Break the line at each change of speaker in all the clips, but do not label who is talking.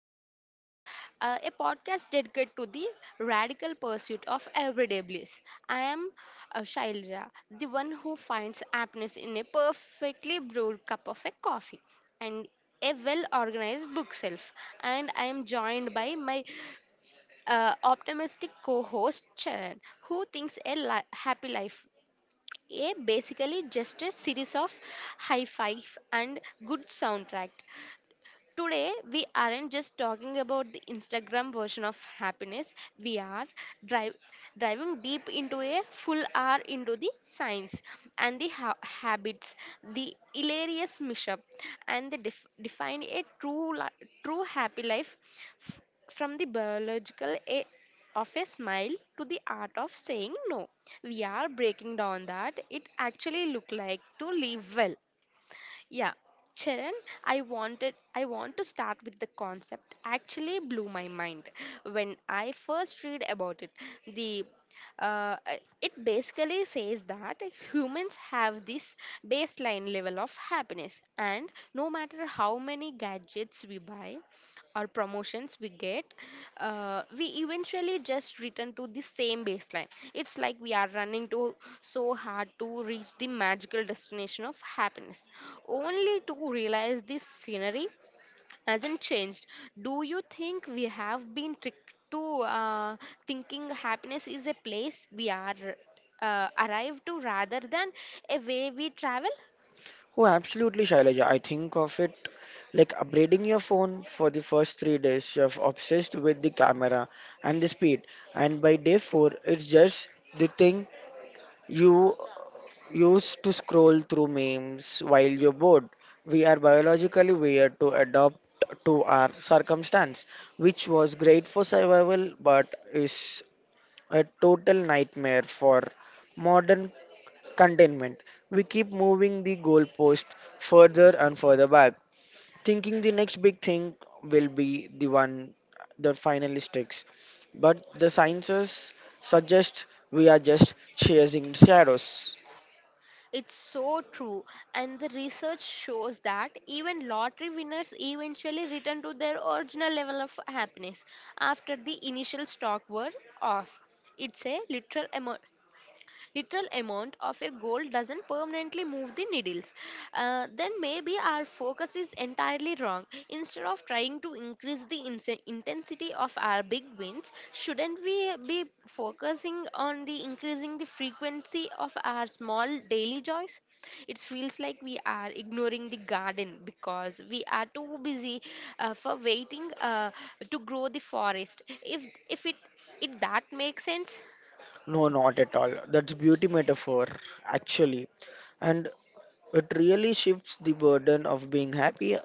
Joy Lab, a podcast dedicated to the radical pursuit of everyday bliss. I am Shailja, the one who finds happiness in a perfectly brewed cup of a coffee and a well organized bookshelf. And I am joined by my optimistic co host Charan, who thinks happy life a basically just a series of high five and good soundtrack. Today, we aren't just talking about the Instagram version of happiness, we are drive, driving deep into a full hour into the science and the habits, the hilarious mishap, and the def- define a true, li- true happy life f- from the biological of a smile to the art of saying no. We are breaking down that it actually look like to live well. Yeah, Charan, I want to start with the concept actually blew my mind when I first read about it. The uh, uh, it basically says that humans have this baseline level of happiness and no matter how many gadgets we buy or promotions we get, we eventually just return to the same baseline. It's like we are running to so hard to reach the magical destination of happiness, only to realize this scenery hasn't changed. Do you think we have been tricked to thinking happiness is a place we are arrived to rather than a way we travel?
Oh, absolutely, Shailaja. I think of it like upgrading your phone for the first 3 days. You're obsessed with the camera and the speed, and by day four, it's just the thing you use to scroll through memes while you're bored. We are biologically weird to adapt to our circumstance, which was great for survival, but is a total nightmare for modern containment. We keep moving the goalpost further and further back, thinking the next big thing will be the one that finally sticks. But the sciences suggest we are just chasing shadows.
It's so true. And the research shows that even lottery winners eventually return to their original level of happiness after the initial shock were off. It's a literal amount of a goal doesn't permanently move the needles, then maybe our focus is entirely wrong. Instead of trying to increase the intensity of our big wins, shouldn't we be focusing on the increasing the frequency of our small daily joys? It feels like we are ignoring the garden because we are too busy for waiting to grow the forest. If it if that makes sense.
No, not at all. That's beauty metaphor, actually. And it really shifts the burden of being happy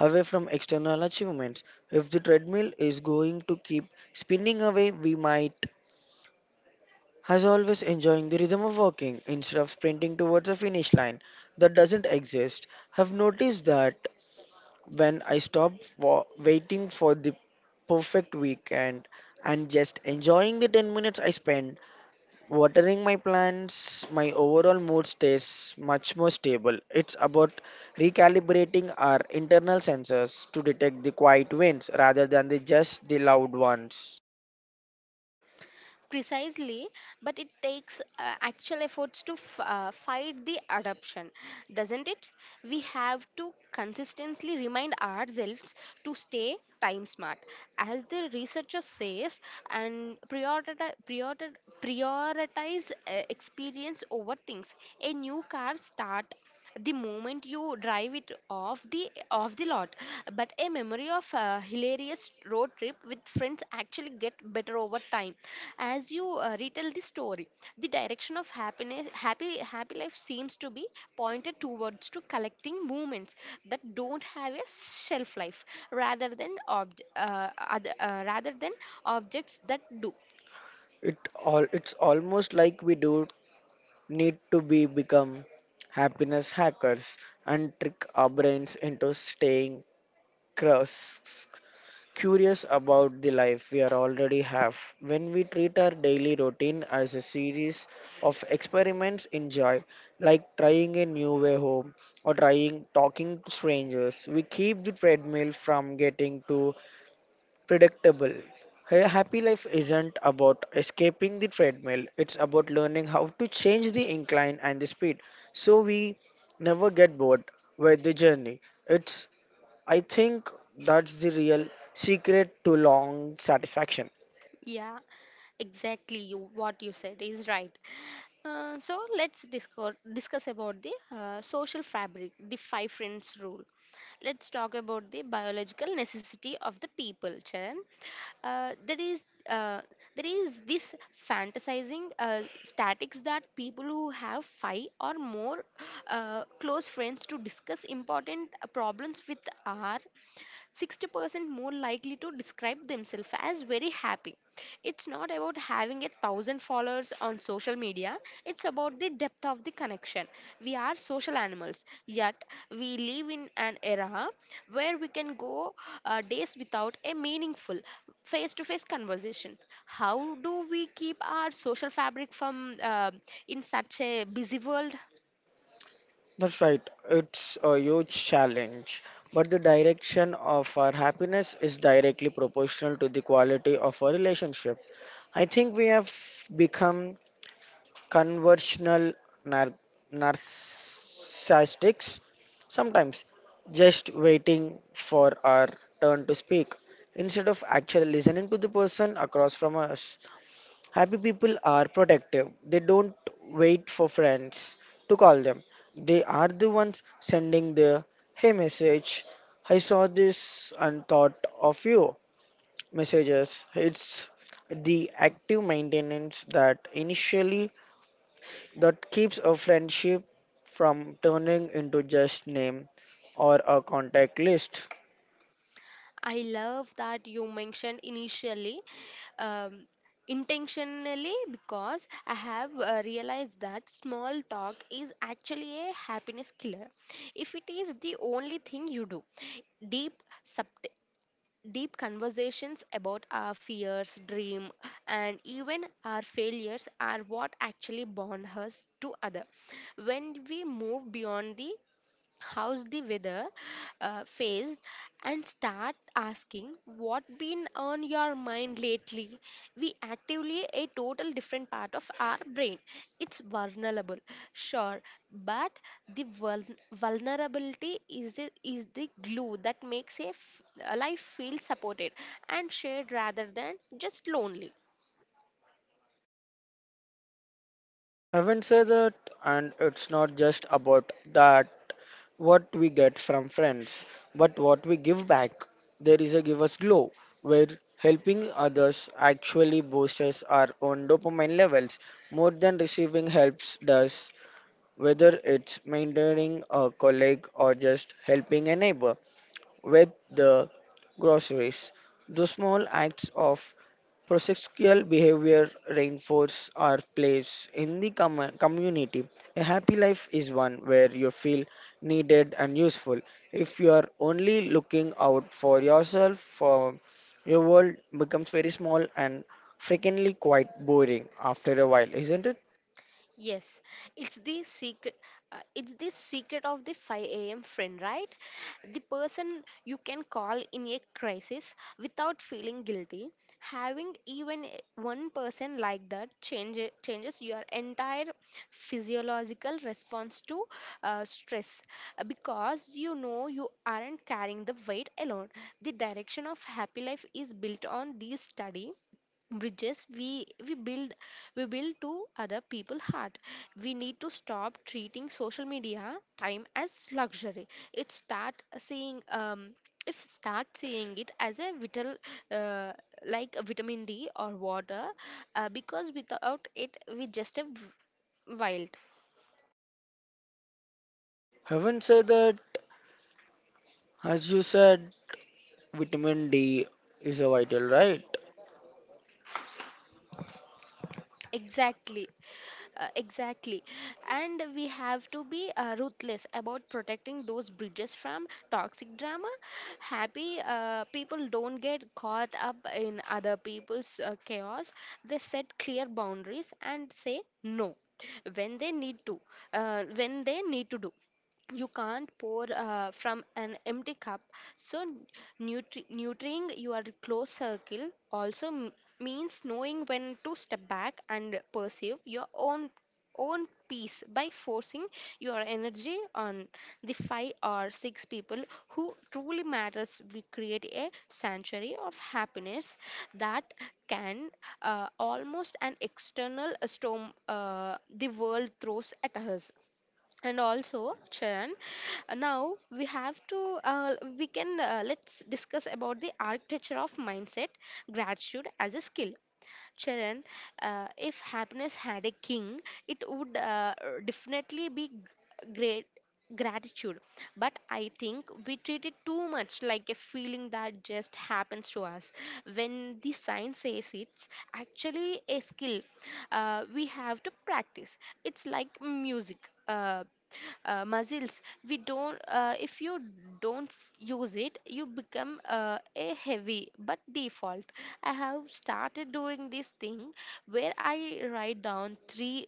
away from external achievements. If the treadmill is going to keep spinning away, we might has always enjoying the rhythm of walking instead of sprinting towards a finish line that doesn't exist. Have noticed that when I stop wa- waiting for the perfect weekend and just enjoying the 10 minutes I spend watering my plants, my overall mood stays much more stable. It's about recalibrating our internal sensors to detect the quiet wins rather than the just the loud ones.
Precisely, but it takes actual efforts to fight the adoption, doesn't it? We have to consistently remind ourselves to stay time smart, as the researcher says, and prioritize experience over things. A new car start the moment you drive it off the lot, but a memory of a hilarious road trip with friends actually get better over time as you retell the story. The direction of happiness happy happy life seems to be pointed towards to collecting moments that don't have a shelf life rather than rather than objects that do.
It all, it's almost like we do need to be become happiness hackers and trick our brains into staying crus- curious about the life we are already have. When we treat our daily routine as a series of experiments in joy, like trying a new way home or trying talking to strangers, we keep the treadmill from getting too predictable. Hey, a happy life isn't about escaping the treadmill, it's about learning how to change the incline and the speed so we never get bored with the journey. It's, I think that's the real secret to long satisfaction.
Yeah, exactly. You what you said is right. So let's discuss discuss about the social fabric, the five friends rule. Let's talk about the biological necessity of the people, Charan. Uh, there is uh, there is this fantasizing statics that people who have five or more close friends to discuss important problems with are 60% more likely to describe themselves as very happy. It's not about having 1,000 followers on social media, it's about the depth of the connection. We are social animals, yet, we live in an era where we can go days without a meaningful face to face conversation. How do we keep our social fabric from in such a busy world?
That's right. It's a huge challenge, but the direction of our happiness is directly proportional to the quality of our relationship. I think we have become conversational nar- narcissists sometimes, just waiting for our turn to speak instead of actually listening to the person across from us. Happy people are protective, they don't wait for friends to call them. They are the ones sending the hey message, I saw this and thought of you messages. It's the active maintenance that initially, that keeps a friendship from turning into just name or a contact list.
I love that you mentioned initially um, intentionally because I have realized that small talk is actually a happiness killer if it is the only thing you do. Deep, subt- Deep conversations about our fears, dream, and even our failures are what actually bond us to other. When we move beyond the how's the weather phase and start asking what been on your mind lately, we actively a total different part of our brain. It's vulnerable, sure, but the vul- vulnerability is is the glue that makes a life feel supported and shared rather than just lonely.
Haven't said that, and it's not just about that what we get from friends, but what we give back. There is a give us glow where helping others actually boosts our own dopamine levels more than receiving helps does, whether it's maintaining a colleague or just helping a neighbor with the groceries. The small acts of prosocial behavior reinforce our place in the community. A happy life is one where you feel needed and useful. If you are only looking out for yourself, for your world becomes very small and frequently quite boring after a while, isn't it?
Yes, it's the secret. It's the secret of the 5 a.m. friend, right? The person you can call in a crisis without feeling guilty. Having even one person like that changes your entire physiological response to stress because you know you aren't carrying the weight alone. The direction of happy life is built on this study bridges we build to other people heart. We need to stop treating social media time as luxury. It start seeing if start seeing it as a vital, uh, like a vitamin d or water, because without it we just wild.
Haven't said that, as you said, vitamin D is a vital, right?
Exactly. Exactly. And we have to be ruthless about protecting those bridges from toxic drama. Happy people don't get caught up in other people's chaos. They set clear boundaries and say no when they need to, when they need to do. You can't pour from an empty cup, so nurturing your close circle also means knowing when to step back and pursue your own own peace. By forcing your energy on the 5 or 6 people who truly matters, we create a sanctuary of happiness that can, almost an external storm, the world throws at us. And also Charan, now we have to we can let's discuss about the architecture of mindset, gratitude as a skill. Charan, if happiness had a king, it would definitely be great gratitude, but I think we treat it too much like a feeling that just happens to us. When the science says it's actually a skill, we have to practice. It's like music. Uh, Muscles, we don't, if you don't s- use it you become a heavy but default. I have started doing this thing where I write down 3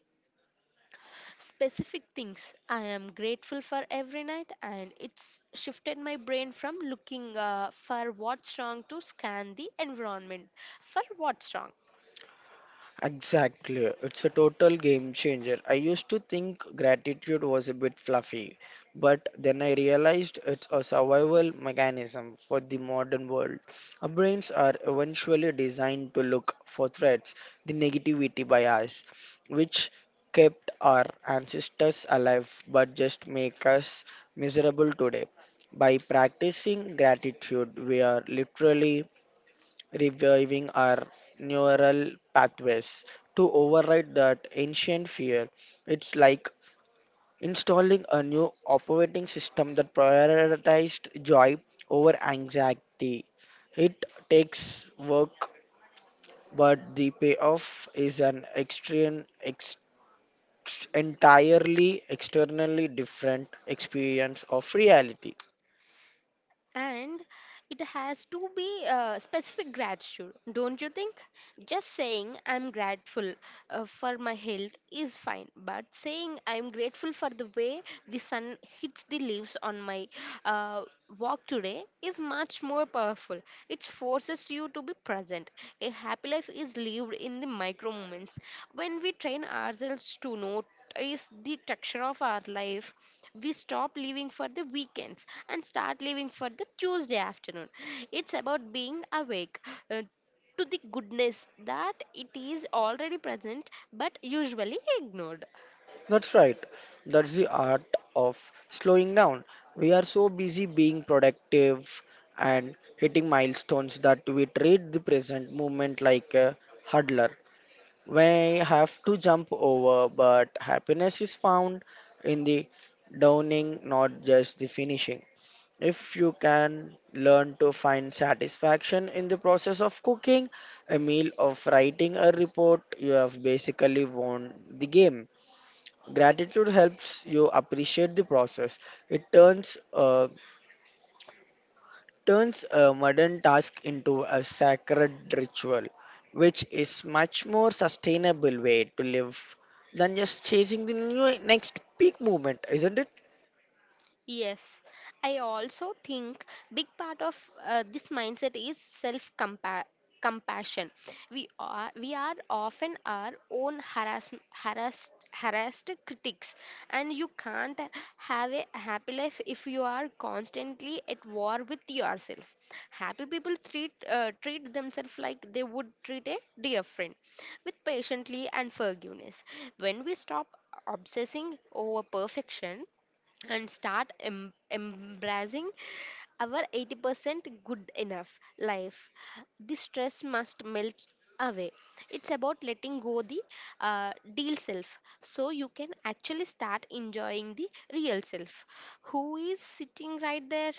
specific things I am grateful for every night, and it's shifted my brain from looking for what's wrong to scan the environment for what's wrong.
Exactly. It's a total game changer. I used to think gratitude was a bit fluffy, but then I realized it's a survival mechanism for the modern world. Our brains are eventually designed to look for threats, the negativity bias, which kept our ancestors alive but just make us miserable today. By practicing gratitude, we are literally reviving our neural pathways to override that ancient fear. It's like installing a new operating system that prioritized joy over anxiety. It takes work, but the payoff is an extreme, entirely externally different experience of reality.
And it has to be specific gratitude, don't you think? Just saying I'm grateful for my health is fine, but saying I'm grateful for the way the sun hits the leaves on my uh, walk today is much more powerful. It forces you to be present. A happy life is lived in the micro moments. When we train ourselves to notice the texture of our life, we stop living for the weekends and start living for the Tuesday afternoon. It's about being awake, uh, to the goodness that it is already present but usually ignored.
That's right. That's the art of slowing down. We are so busy being productive and hitting milestones that we treat the present moment like a hurdler. We have to jump over, but happiness is found in the downing, not just the finishing. If you can learn to find satisfaction in the process of cooking a meal, of writing a report, you have basically won the game. Gratitude helps you appreciate the process. It turns turns a modern task into a sacred ritual, which is much more sustainable way to live than just chasing the new next peak movement, isn't it?
Yes, I also think big part of this mindset is self compassion. We are often our own harassed critics, and you can't have a happy life if you are constantly at war with yourself. Happy people treat themselves like they would treat a dear friend, with patiently and forgiveness. When we stop obsessing over perfection and start embracing our 80% good enough life. The stress must melt away. It's about letting go the deal self so you can actually start enjoying the real self who is sitting right there.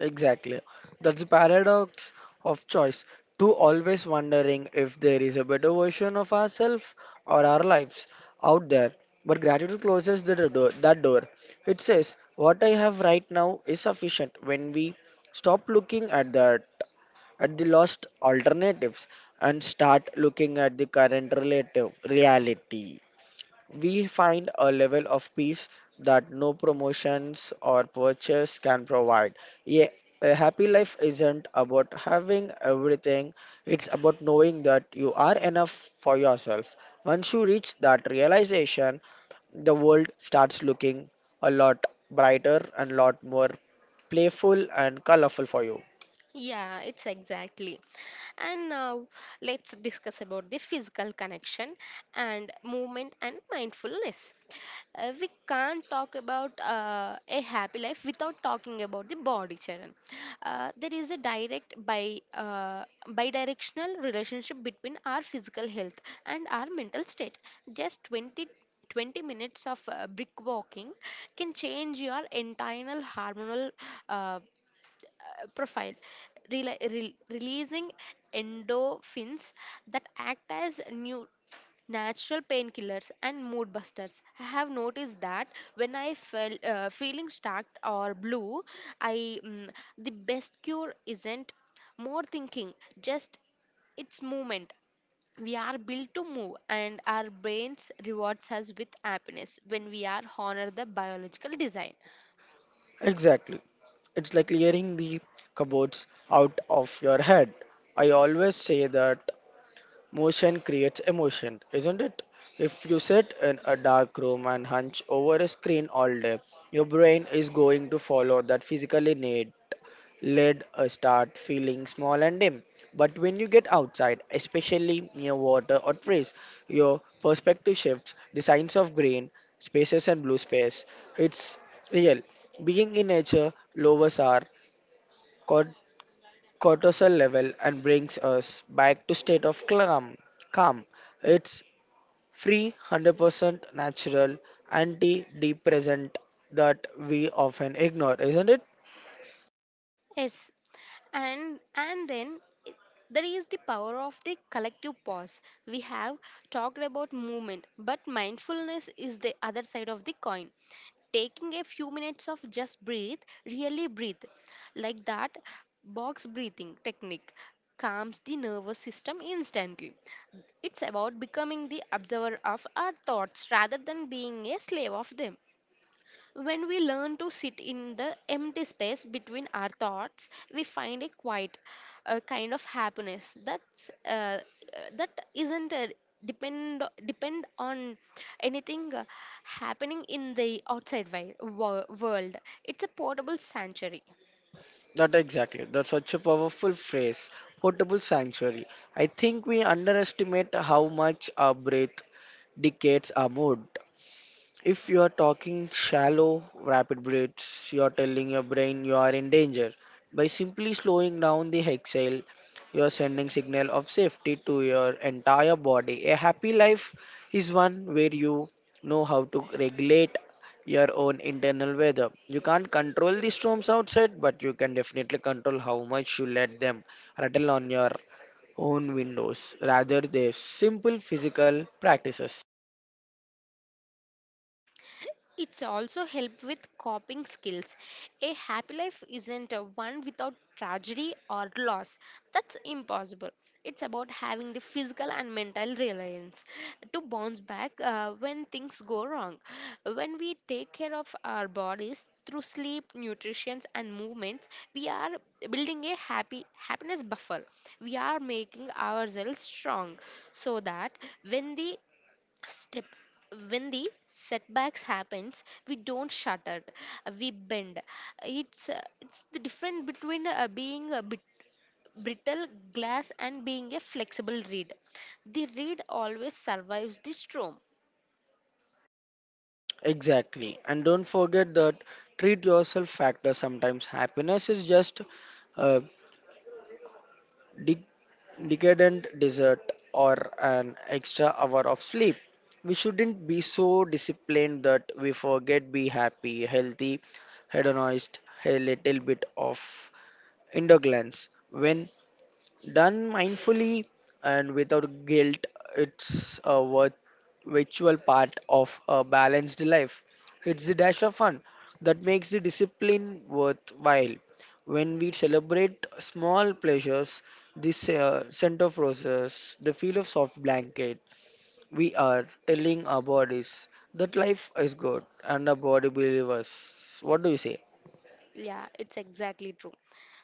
Exactly. That's the paradox of choice. To always wondering if there is a better version of ourselves or our lives out there. But gratitude closes the door, that door. It says, what I have right now is sufficient. When we stop looking at that at the lost alternatives and start looking at the current relative reality, we find a level of peace that no promotions or purchase can provide. Yeah, a happy life isn't about having everything, it's about knowing that you are enough for yourself. Once you reach that realization, the world starts looking a lot brighter and a lot more playful and colorful for you.
Yeah, it's exactly. And now let's discuss about the physical connection and movement and mindfulness. We can't talk about a happy life without talking about the body, Charan. There is a direct bi bidirectional relationship between our physical health and our mental state. Just 20 minutes of brick walking can change your internal hormonal uh, profile, releasing endorphins that act as new natural painkillers and mood busters. I have noticed that when I felt feeling stuck or blue, I mm, the best cure isn't more thinking, just it's movement. We are built to move, and our brains rewards us with happiness when we are honor the biological design.
Exactly. It's like clearing the cupboards out of your head. I always say that motion creates emotion, isn't it? If you sit in a dark room and hunch over a screen all day, your brain is going to follow that physically need. Lead start feeling small and dim. But when you get outside, especially near water or trees, your perspective shifts. The signs of green spaces and blue space. It's real. Being in nature lowers our cor- cortisol level and brings us back to state of calm. Calm. It's free, 100% natural antidepressant that we often ignore, isn't it?
Yes, and then i- there is the power of the collective pause. We have talked about movement, but mindfulness is the other side of the coin. Taking a few minutes of just breathe, really breathe, like that box breathing technique calms the nervous system instantly. It's about becoming the observer of our thoughts rather than being a slave of them. When we learn to sit in the empty space between our thoughts, we find a quiet a kind of happiness that's that isn't depend on anything happening in the outside world. It's a portable sanctuary.
Not exactly. That's such a powerful phrase. Portable sanctuary. I think we underestimate how much our breath dictates our mood. If you are talking shallow, rapid breaths, you are telling your brain you are in danger. By simply slowing down the exhale, you are sending signal of safety to your entire body. A happy life is one where you know how to regulate your own internal weather. You can't control the storms outside, but you can definitely control how much you let them rattle on your own windows. Rather, they simple physical practices.
It's also help with coping skills. A happy life isn't a one without tragedy or loss. That's impossible. It's about having the physical and mental resilience to bounce back when things go wrong. When we take care of our bodies through sleep, nutrition, and movements, we are building a happy happiness buffer. We are making ourselves strong so that when the step when the setbacks happens we don't shut it, we bend. It's it's the difference between being a bit brittle glass and being a flexible reed. The reed always survives the storm.
Exactly. And don't forget that treat yourself factor, sometimes happiness is just a de- decadent dessert or an extra hour of sleep. We shouldn't be so disciplined that we forget be happy, healthy, hedonist, a little bit of indulgence when done mindfully and without guilt, it's a virtual part of a balanced life. It's the dash of fun that makes the discipline worthwhile. When we celebrate small pleasures, this scent of roses, the feel of soft blanket, we are telling our bodies that life is good and our body believers. What do you say?
Yeah, it's exactly true.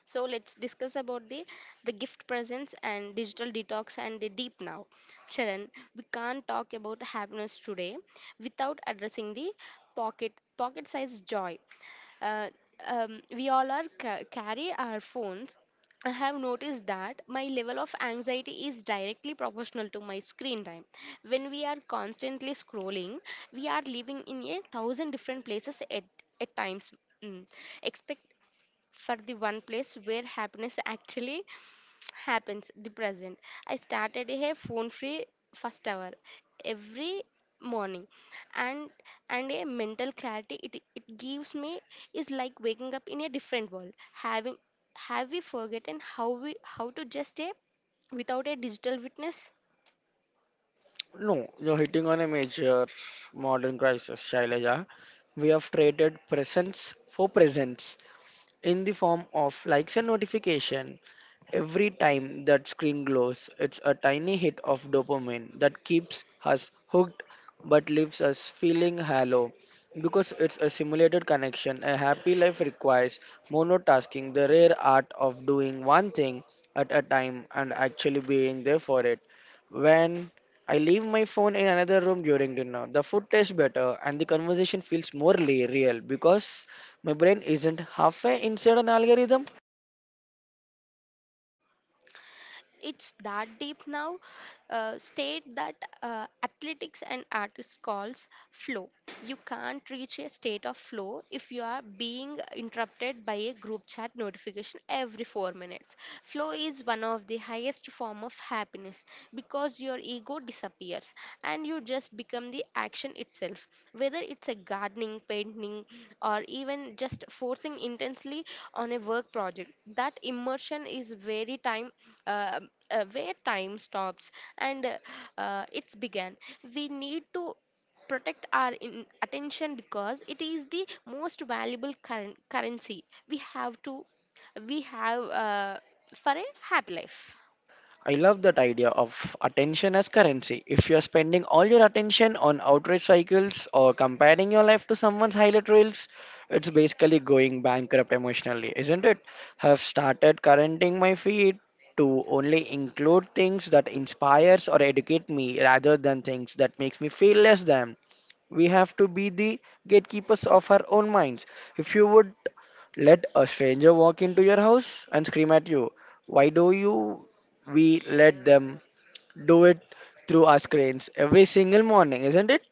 So let's discuss about the gift presence and digital detox and the deep now. Sharon, we can't talk about happiness today without addressing the pocket pocket sized joy. Uh, we all are carry our phones. I have noticed that my level of anxiety is directly proportional to my screen time. When we are constantly scrolling, we are living in a thousand different places at times. Mm for the one place where happiness actually happens the present. I started a phone free first hour every morning, and and a mental clarity it gives me is like waking up in a different world. Having have we forgotten how we how to just a without a digital witness.
No, you're hitting on a major modern crisis, Shailaja. We have traded presence for presence in the form of likes and notification. Every time that screen glows, it's a tiny hit of dopamine that keeps us hooked but leaves us feeling hollow. Because it's a simulated connection, a happy life requires monotasking, the rare art of doing one thing at a time and actually being there for it. When I leave my phone in another room during dinner. The food tastes better and the conversation feels more real because my brain isn't halfway inside an algorithm.
It's that deep now state that athletics and artists calls flow. You can't reach a state of flow if you are being interrupted by a group chat notification every 4 minutes. Flow is one of the highest form of happiness because your ego disappears and you just become the action itself, whether it's a gardening painting or even just forcing intensely on a work project. That immersion is very time, where time stops and it's began. We need to protect our attention because it is the most valuable current currency we have to, we have for a happy life.
I love that idea of attention as currency. If you're spending all your attention on outrage cycles or comparing your life to someone's highlight reels, it's basically going bankrupt emotionally, isn't it? Have started currenting my feed to only include things that inspires or educate me rather than things that makes me feel less than. We have to be the gatekeepers of our own minds. If you would let a stranger walk into your house and scream at you, why do you we let them do it through our screens every single morning, isn't it?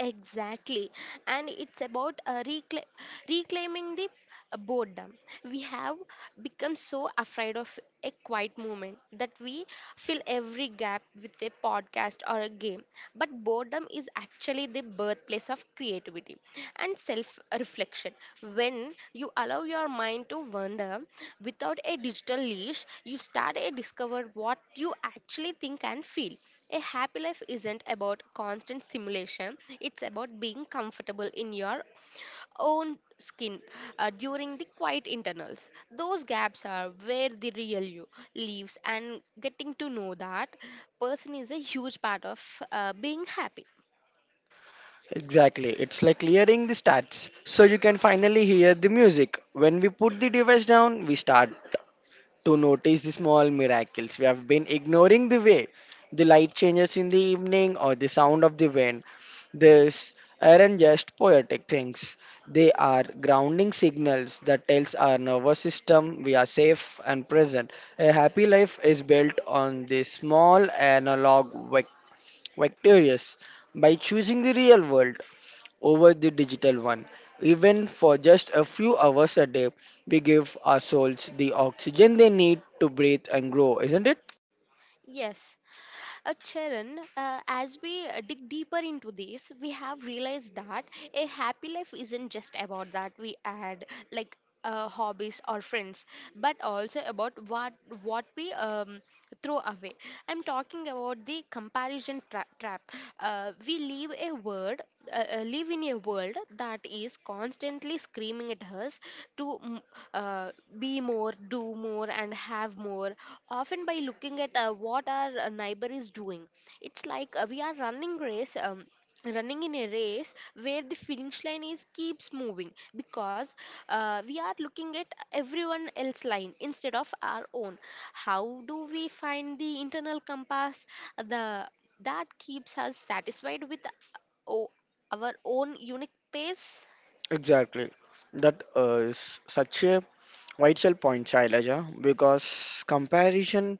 Exactly. And it's about reclaiming the boredom. We have become so afraid of a quiet moment that we fill every gap with a podcast or a game. But boredom is actually the birthplace of creativity and self reflection. When you allow your mind to wander without a digital leash, you start to discover what you actually think and feel. A happy life isn't about constant simulation, it's about being comfortable in your own skin during the quiet internals. Those gaps are where the real you lives, and getting to know that person is a huge part of being happy.
Exactly. It's like clearing the stats. So you can finally hear the music. When we put the device down, we start to notice the small miracles we have been ignoring, the way the light changes in the evening or the sound of the wind. These aren't just poetic things. They are grounding signals that tells our nervous system we are safe and present. A happy life is built on these small analog victorious by choosing the real world over the digital one. Even for just a few hours a day, we give our souls the oxygen they need to breathe and grow, isn't it?
Yes. Charan, as we dig deeper into this, we have realized that a happy life isn't just about that we add like hobbies or friends, but also about what we throw away. I'm talking about the comparison trap. We live a word, live in a world that is constantly screaming at us to uh, uh, be more, do more, and have more, often by looking at what our neighbor is doing. It's like we are running race. Running in a race where the finish line is keeps moving because we are looking at everyone else line instead of our own. How do we find the internal compass, the that keeps us satisfied with our own unique pace?
Exactly. That is such a vital point, Shailaja, because comparison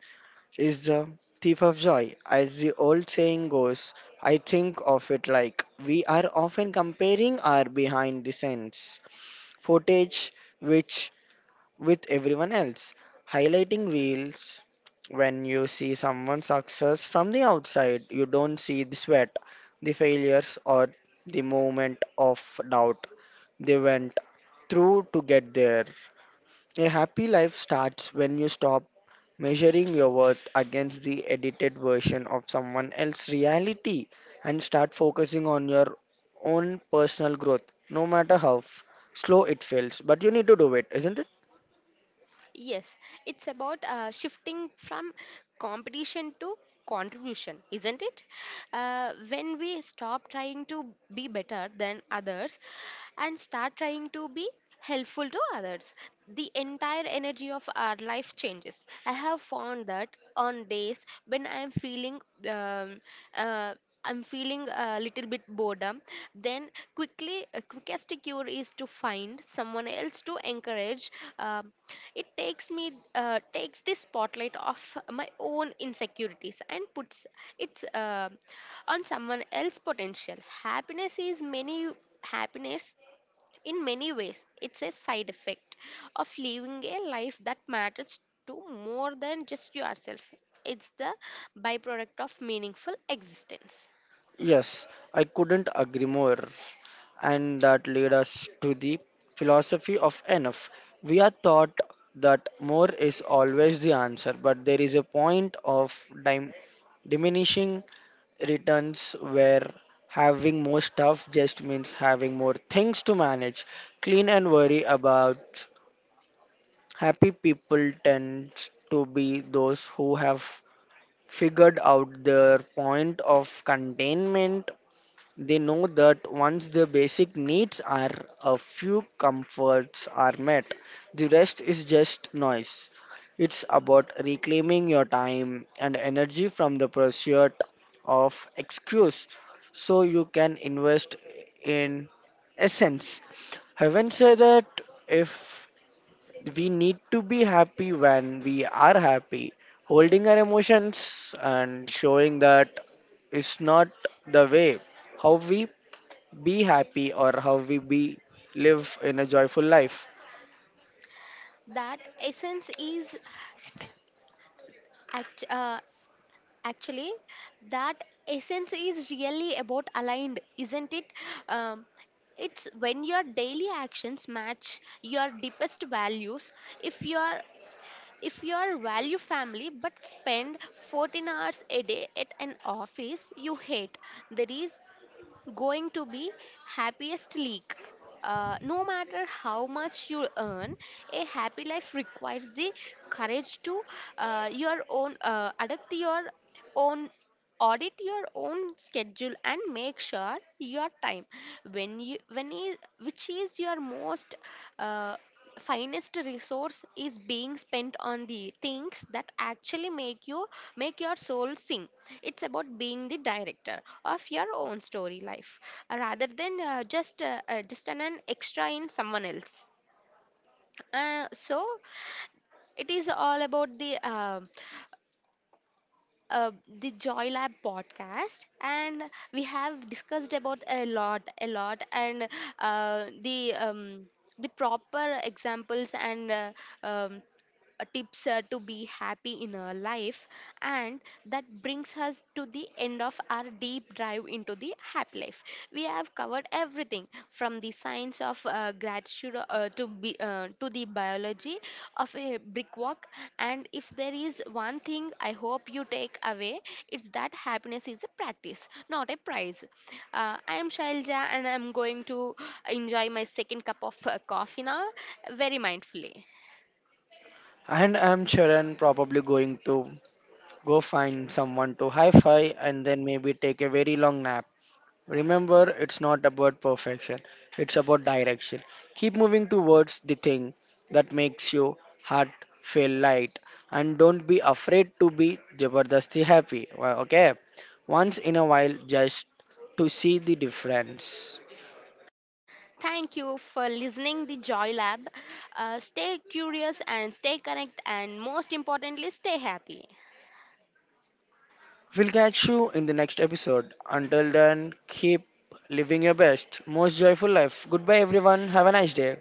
is the thief of joy. As the old saying goes, I think of it like we are often comparing our behind the scenes footage, which with everyone else. Highlighting reels when you see someone's success from the outside, you don't see the sweat, the failures, or the moment of doubt they went through to get there. A happy life starts when you stop measuring your worth against the edited version of someone else's reality and start focusing on your own personal growth, no matter how slow it feels. But you need to do it, isn't it?
Yes, it's about shifting from competition to contribution, isn't it? When we stop trying to be better than others and start trying to be helpful to others, the entire energy of our life changes. I have found that on days when I am feeling um, uh, I'm feeling a little bit boredom, then quickly quickest cure is to find someone else to encourage. Um it takes me, takes the spotlight off my own insecurities and puts it's on someone else potential. Happiness is many happiness in many ways. It's a side effect of living a life that matters to more than just yourself. It's the byproduct of meaningful existence.
Yes, I couldn't agree more. And that led us to the philosophy of enough. We are taught that more is always the answer, but there is a point of dim- diminishing returns where having more stuff just means having more things to manage. Clean and worry about happy people tend to be those who have figured out their point of containment. They know that once the basic needs are a few comforts are met, the rest is just noise. It's about reclaiming your time and energy from the pursuit of excuse so you can invest in essence. Haven't said that if we need to be happy when we are happy, holding our emotions and showing that is not the way how we be happy or how we be live in a joyful life.
That essence is act- actually that essence is really about aligned, isn't it? um, it's when your daily actions match your deepest values. if your if your value family but spend 14 hours a day at an office you hate, there is going to be happiest leak. No matter how much you earn, a happy life requires the courage to your own adapt your own audit your own schedule and make sure your time, when you when is, which is your most uh, finest resource, is being spent on the things that actually make you make your soul sing. It's about being the director of your own story life rather than just an extra in someone else. So it is all about uh, the Joy Lab podcast, and we have discussed about a lot, and uh, the um, the proper examples and um, tips to be happy in our life, and that brings us to the end of our deep dive into the happy life. We have covered everything from the science of gratitude to the biology of a brick walk. And if there is one thing I hope you take away, it's that happiness is a practice not a prize. I am Shailja and I'm going to enjoy my second cup of coffee now, very mindfully.
And I'm Sharan, probably going to go find someone to hi fi and then maybe take a very long nap. Remember, it's not about perfection, it's about direction. Keep moving towards the thing that makes your heart feel light and don't be afraid to be Jabardasti happy. Well, okay, once in a while, just to see the difference.
Thank you for listening the Joy Lab. Stay curious and stay connected and most importantly stay happy.
We'll catch you in the next episode. Until then, keep living your best, most joyful life. Goodbye, everyone. Have a nice day.